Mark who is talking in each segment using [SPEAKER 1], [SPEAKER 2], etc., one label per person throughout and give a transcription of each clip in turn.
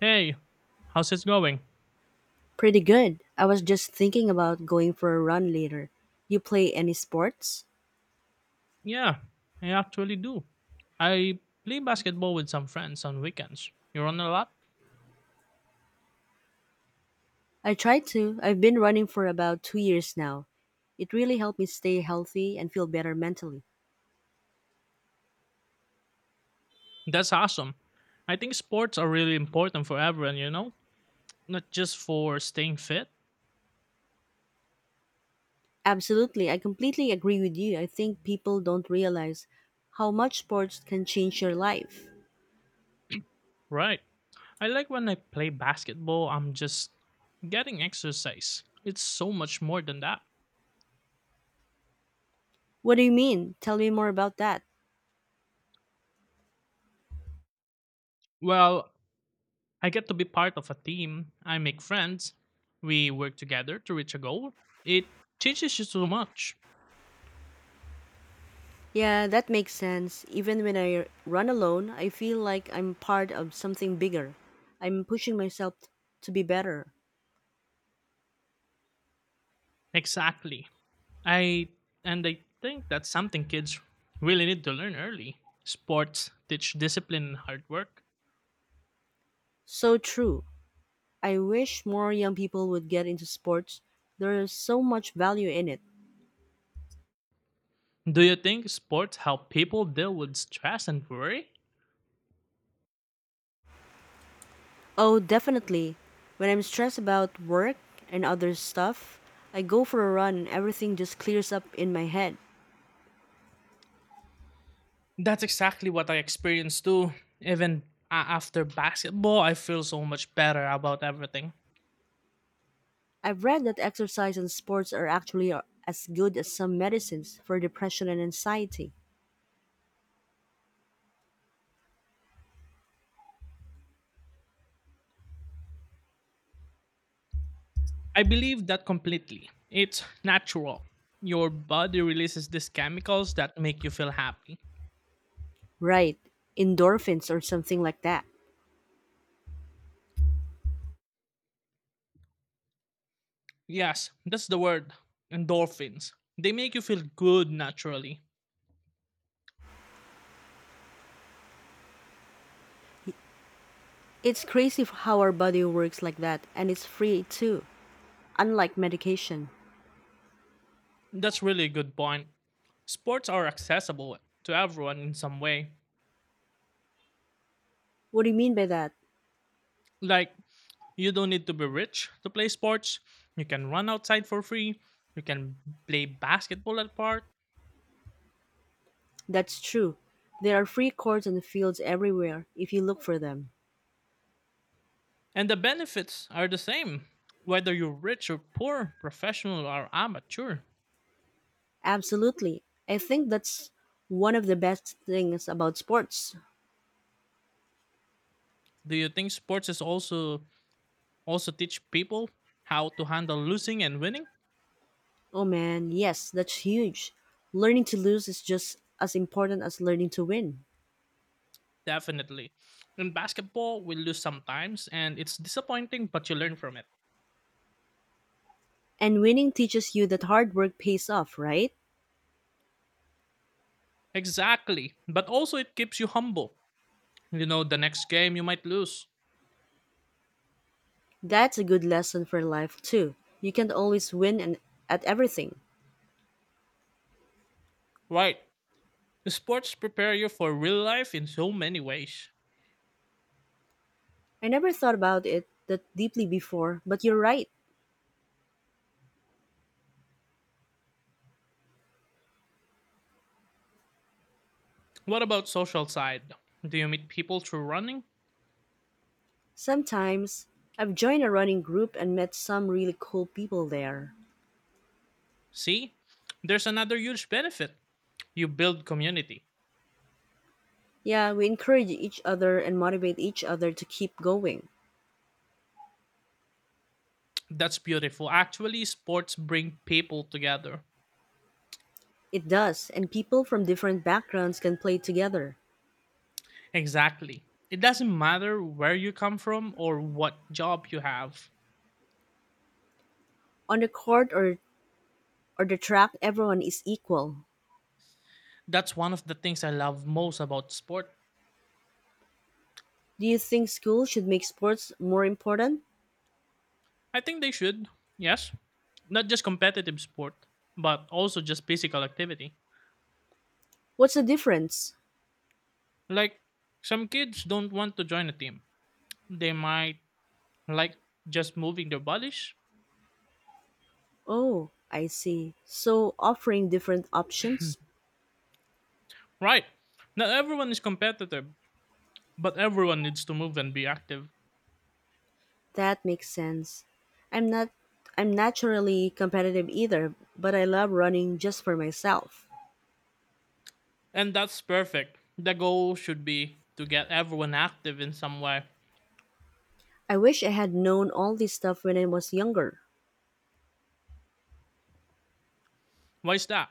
[SPEAKER 1] Hey, how's it going?
[SPEAKER 2] Pretty good. I was just thinking about going for a run later. You play any sports?
[SPEAKER 1] Yeah, I actually do. I play basketball with some friends on weekends. You run a lot?
[SPEAKER 2] I try to. I've been running for about 2 years now. It really helped me stay healthy and feel better mentally.
[SPEAKER 1] That's awesome. I think sports are really important for everyone, you know? Not just for staying fit.
[SPEAKER 2] Absolutely. I completely agree with you. I think people don't realize how much sports can change your life.
[SPEAKER 1] Right. I like when I play basketball, I'm just getting exercise. It's so much more than that.
[SPEAKER 2] What do you mean? Tell me more about that.
[SPEAKER 1] Well, I get to be part of a team, I make friends, we work together to reach a goal. It teaches you so much.
[SPEAKER 2] Yeah, that makes sense. Even when I run alone, I feel like I'm part of something bigger. I'm pushing myself to be better.
[SPEAKER 1] Exactly. I and I think that's something kids really need to learn early. Sports teach discipline and hard work.
[SPEAKER 2] So true. I wish more young people would get into sports. There is so much value in it.
[SPEAKER 1] Do you think sports help people deal with stress and worry?
[SPEAKER 2] Oh, definitely. When I'm stressed about work and other stuff, I go for a run and everything just clears up in my head.
[SPEAKER 1] That's exactly what I experienced too. Even after basketball, I feel so much better about everything.
[SPEAKER 2] I've read that exercise and sports are actually as good as some medicines for depression and anxiety.
[SPEAKER 1] I believe that completely. It's natural. Your body releases these chemicals that make you feel happy.
[SPEAKER 2] Right, endorphins or something like that.
[SPEAKER 1] Yes, that's the word endorphins. They make you feel good naturally.
[SPEAKER 2] It's crazy how our body works like that, and it's free too, unlike medication.
[SPEAKER 1] That's really a good point. Sports are accessible to everyone in some way.
[SPEAKER 2] What do you mean by that?
[SPEAKER 1] Like, you don't need to be rich to play sports. You can run outside for free. You can play basketball at park.
[SPEAKER 2] That's true. There are free courts and fields everywhere if you look for them.
[SPEAKER 1] And the benefits are the same, whether you're rich or poor, professional or amateur.
[SPEAKER 2] Absolutely. I think that's one of the best things about sports.
[SPEAKER 1] Do you think sports is also teach people how to handle losing and winning?
[SPEAKER 2] Oh man, yes, that's huge. Learning to lose is just as important as learning to win.
[SPEAKER 1] Definitely. In basketball, we lose sometimes and it's disappointing, but you learn from it.
[SPEAKER 2] And winning teaches you that hard work pays off, right?
[SPEAKER 1] Exactly. But also it keeps you humble. You know, the next game you might lose.
[SPEAKER 2] That's a good lesson for life too. You can't always win and at everything.
[SPEAKER 1] Right. Sports prepare you for real life in so many ways.
[SPEAKER 2] I never thought about it that deeply before, but you're right.
[SPEAKER 1] What about social side? Do you meet people through running?
[SPEAKER 2] Sometimes I've joined a running group and met some really cool people there.
[SPEAKER 1] See? There's another huge benefit. You build community.
[SPEAKER 2] Yeah, we encourage each other and motivate each other to keep going.
[SPEAKER 1] That's beautiful. Actually, sports bring people together.
[SPEAKER 2] It does, and people from different backgrounds can play together.
[SPEAKER 1] Exactly. It doesn't matter where you come from or what job you have.
[SPEAKER 2] On the court or the track, everyone is equal.
[SPEAKER 1] That's one of the things I love most about sport.
[SPEAKER 2] Do you think school should make sports more important?
[SPEAKER 1] I think they should. Yes. Not just competitive sport, but also just physical activity.
[SPEAKER 2] What's the difference?
[SPEAKER 1] Like, some kids don't want to join a team. They might like just moving their bodies.
[SPEAKER 2] Oh, I see. So, offering different options?
[SPEAKER 1] Right. Not everyone is competitive, but everyone needs to move and be active.
[SPEAKER 2] That makes sense. I'm not I'm naturally competitive either, but I love running just for myself.
[SPEAKER 1] And that's perfect. The goal should be to get everyone active in some way.
[SPEAKER 2] I wish I had known all this stuff when I was younger.
[SPEAKER 1] Why is that?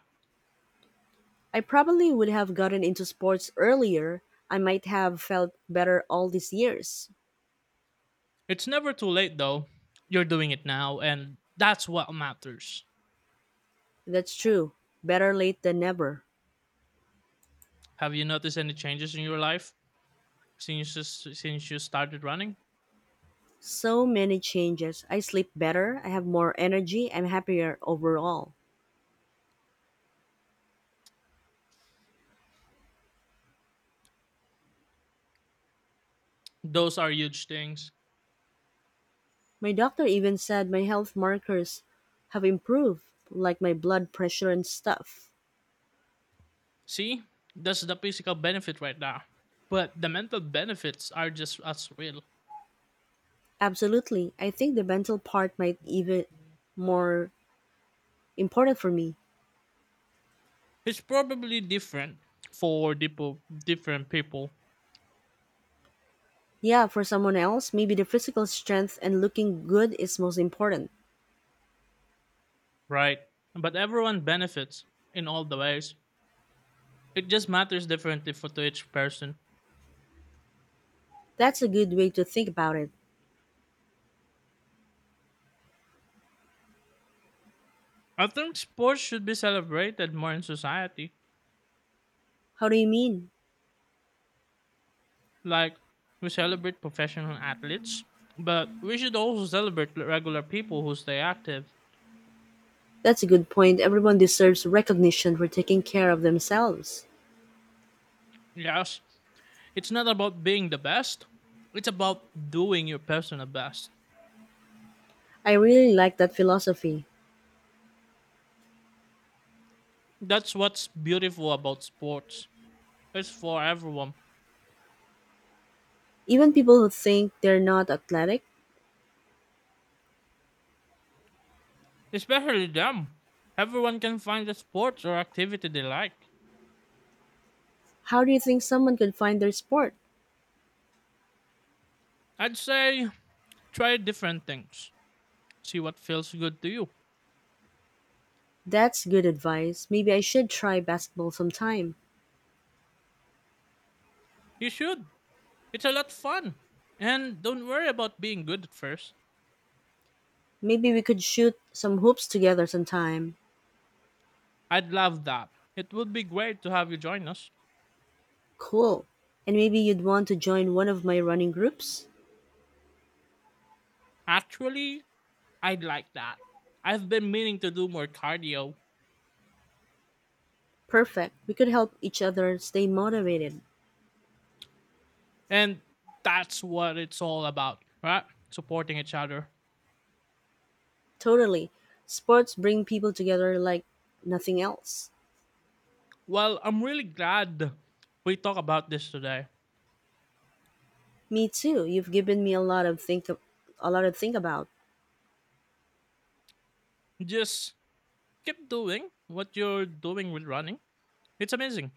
[SPEAKER 2] I probably would have gotten into sports earlier. I might have felt better all these years.
[SPEAKER 1] It's never too late though. You're doing it now and that's what matters.
[SPEAKER 2] That's true. Better late than never.
[SPEAKER 1] Have you noticed any changes in your life since you started running?
[SPEAKER 2] So many changes. I sleep better, I have more energy, I'm happier overall.
[SPEAKER 1] Those are huge things.
[SPEAKER 2] My doctor even said my health markers have improved, like my blood pressure and stuff.
[SPEAKER 1] See, that's the physical benefit right now. But the mental benefits are just as real.
[SPEAKER 2] Absolutely. I think the mental part might even more important for me.
[SPEAKER 1] It's probably different for different people,
[SPEAKER 2] Yeah, for someone else, maybe the physical strength and looking good is most important.
[SPEAKER 1] right? But everyone benefits in all the ways. It just matters differently for to each person.
[SPEAKER 2] That's a good way to think about it.
[SPEAKER 1] I think sports should be celebrated more in society.
[SPEAKER 2] How do you mean?
[SPEAKER 1] Like, we celebrate professional athletes, but we should also celebrate regular people who stay active.
[SPEAKER 2] That's a good point. Everyone deserves recognition for taking care of themselves.
[SPEAKER 1] Yes, it's not about being the best, it's about doing your personal best.
[SPEAKER 2] I really like that philosophy.
[SPEAKER 1] That's what's beautiful about sports. It's for everyone,
[SPEAKER 2] Even people who think they're not athletic,
[SPEAKER 1] especially them. Everyone can find a sport or activity they like.
[SPEAKER 2] how do you think someone could find their sport?
[SPEAKER 1] I'd say try different things, see what feels good to you.
[SPEAKER 2] That's good advice. Maybe I should try basketball sometime.
[SPEAKER 1] You should. It's a lot fun. And don't worry about being good at first.
[SPEAKER 2] Maybe we could shoot some hoops together sometime.
[SPEAKER 1] I'd love that. It would be great to have you join us.
[SPEAKER 2] Cool. And maybe you'd want to join one of my running groups?
[SPEAKER 1] Actually, I'd like that. I've been meaning to do more cardio.
[SPEAKER 2] Perfect. We could help each other stay motivated.
[SPEAKER 1] And that's what it's all about, right? Supporting each other.
[SPEAKER 2] Totally. Sports bring people together like nothing else.
[SPEAKER 1] Well, I'm really glad we talk about this today.
[SPEAKER 2] Me too. You've given me a lot to think about.
[SPEAKER 1] Just keep doing what you're doing with running. It's amazing.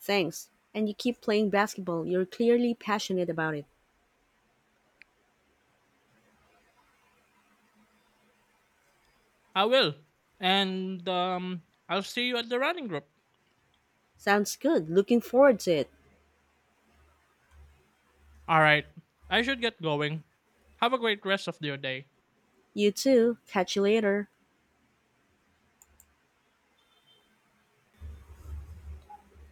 [SPEAKER 2] Thanks. And you keep playing basketball. You're clearly passionate about it.
[SPEAKER 1] I will. And I'll see you at the running group.
[SPEAKER 2] Sounds good. Looking forward to it.
[SPEAKER 1] All right. I should get going. Have a great rest of your day.
[SPEAKER 2] You too. Catch you later.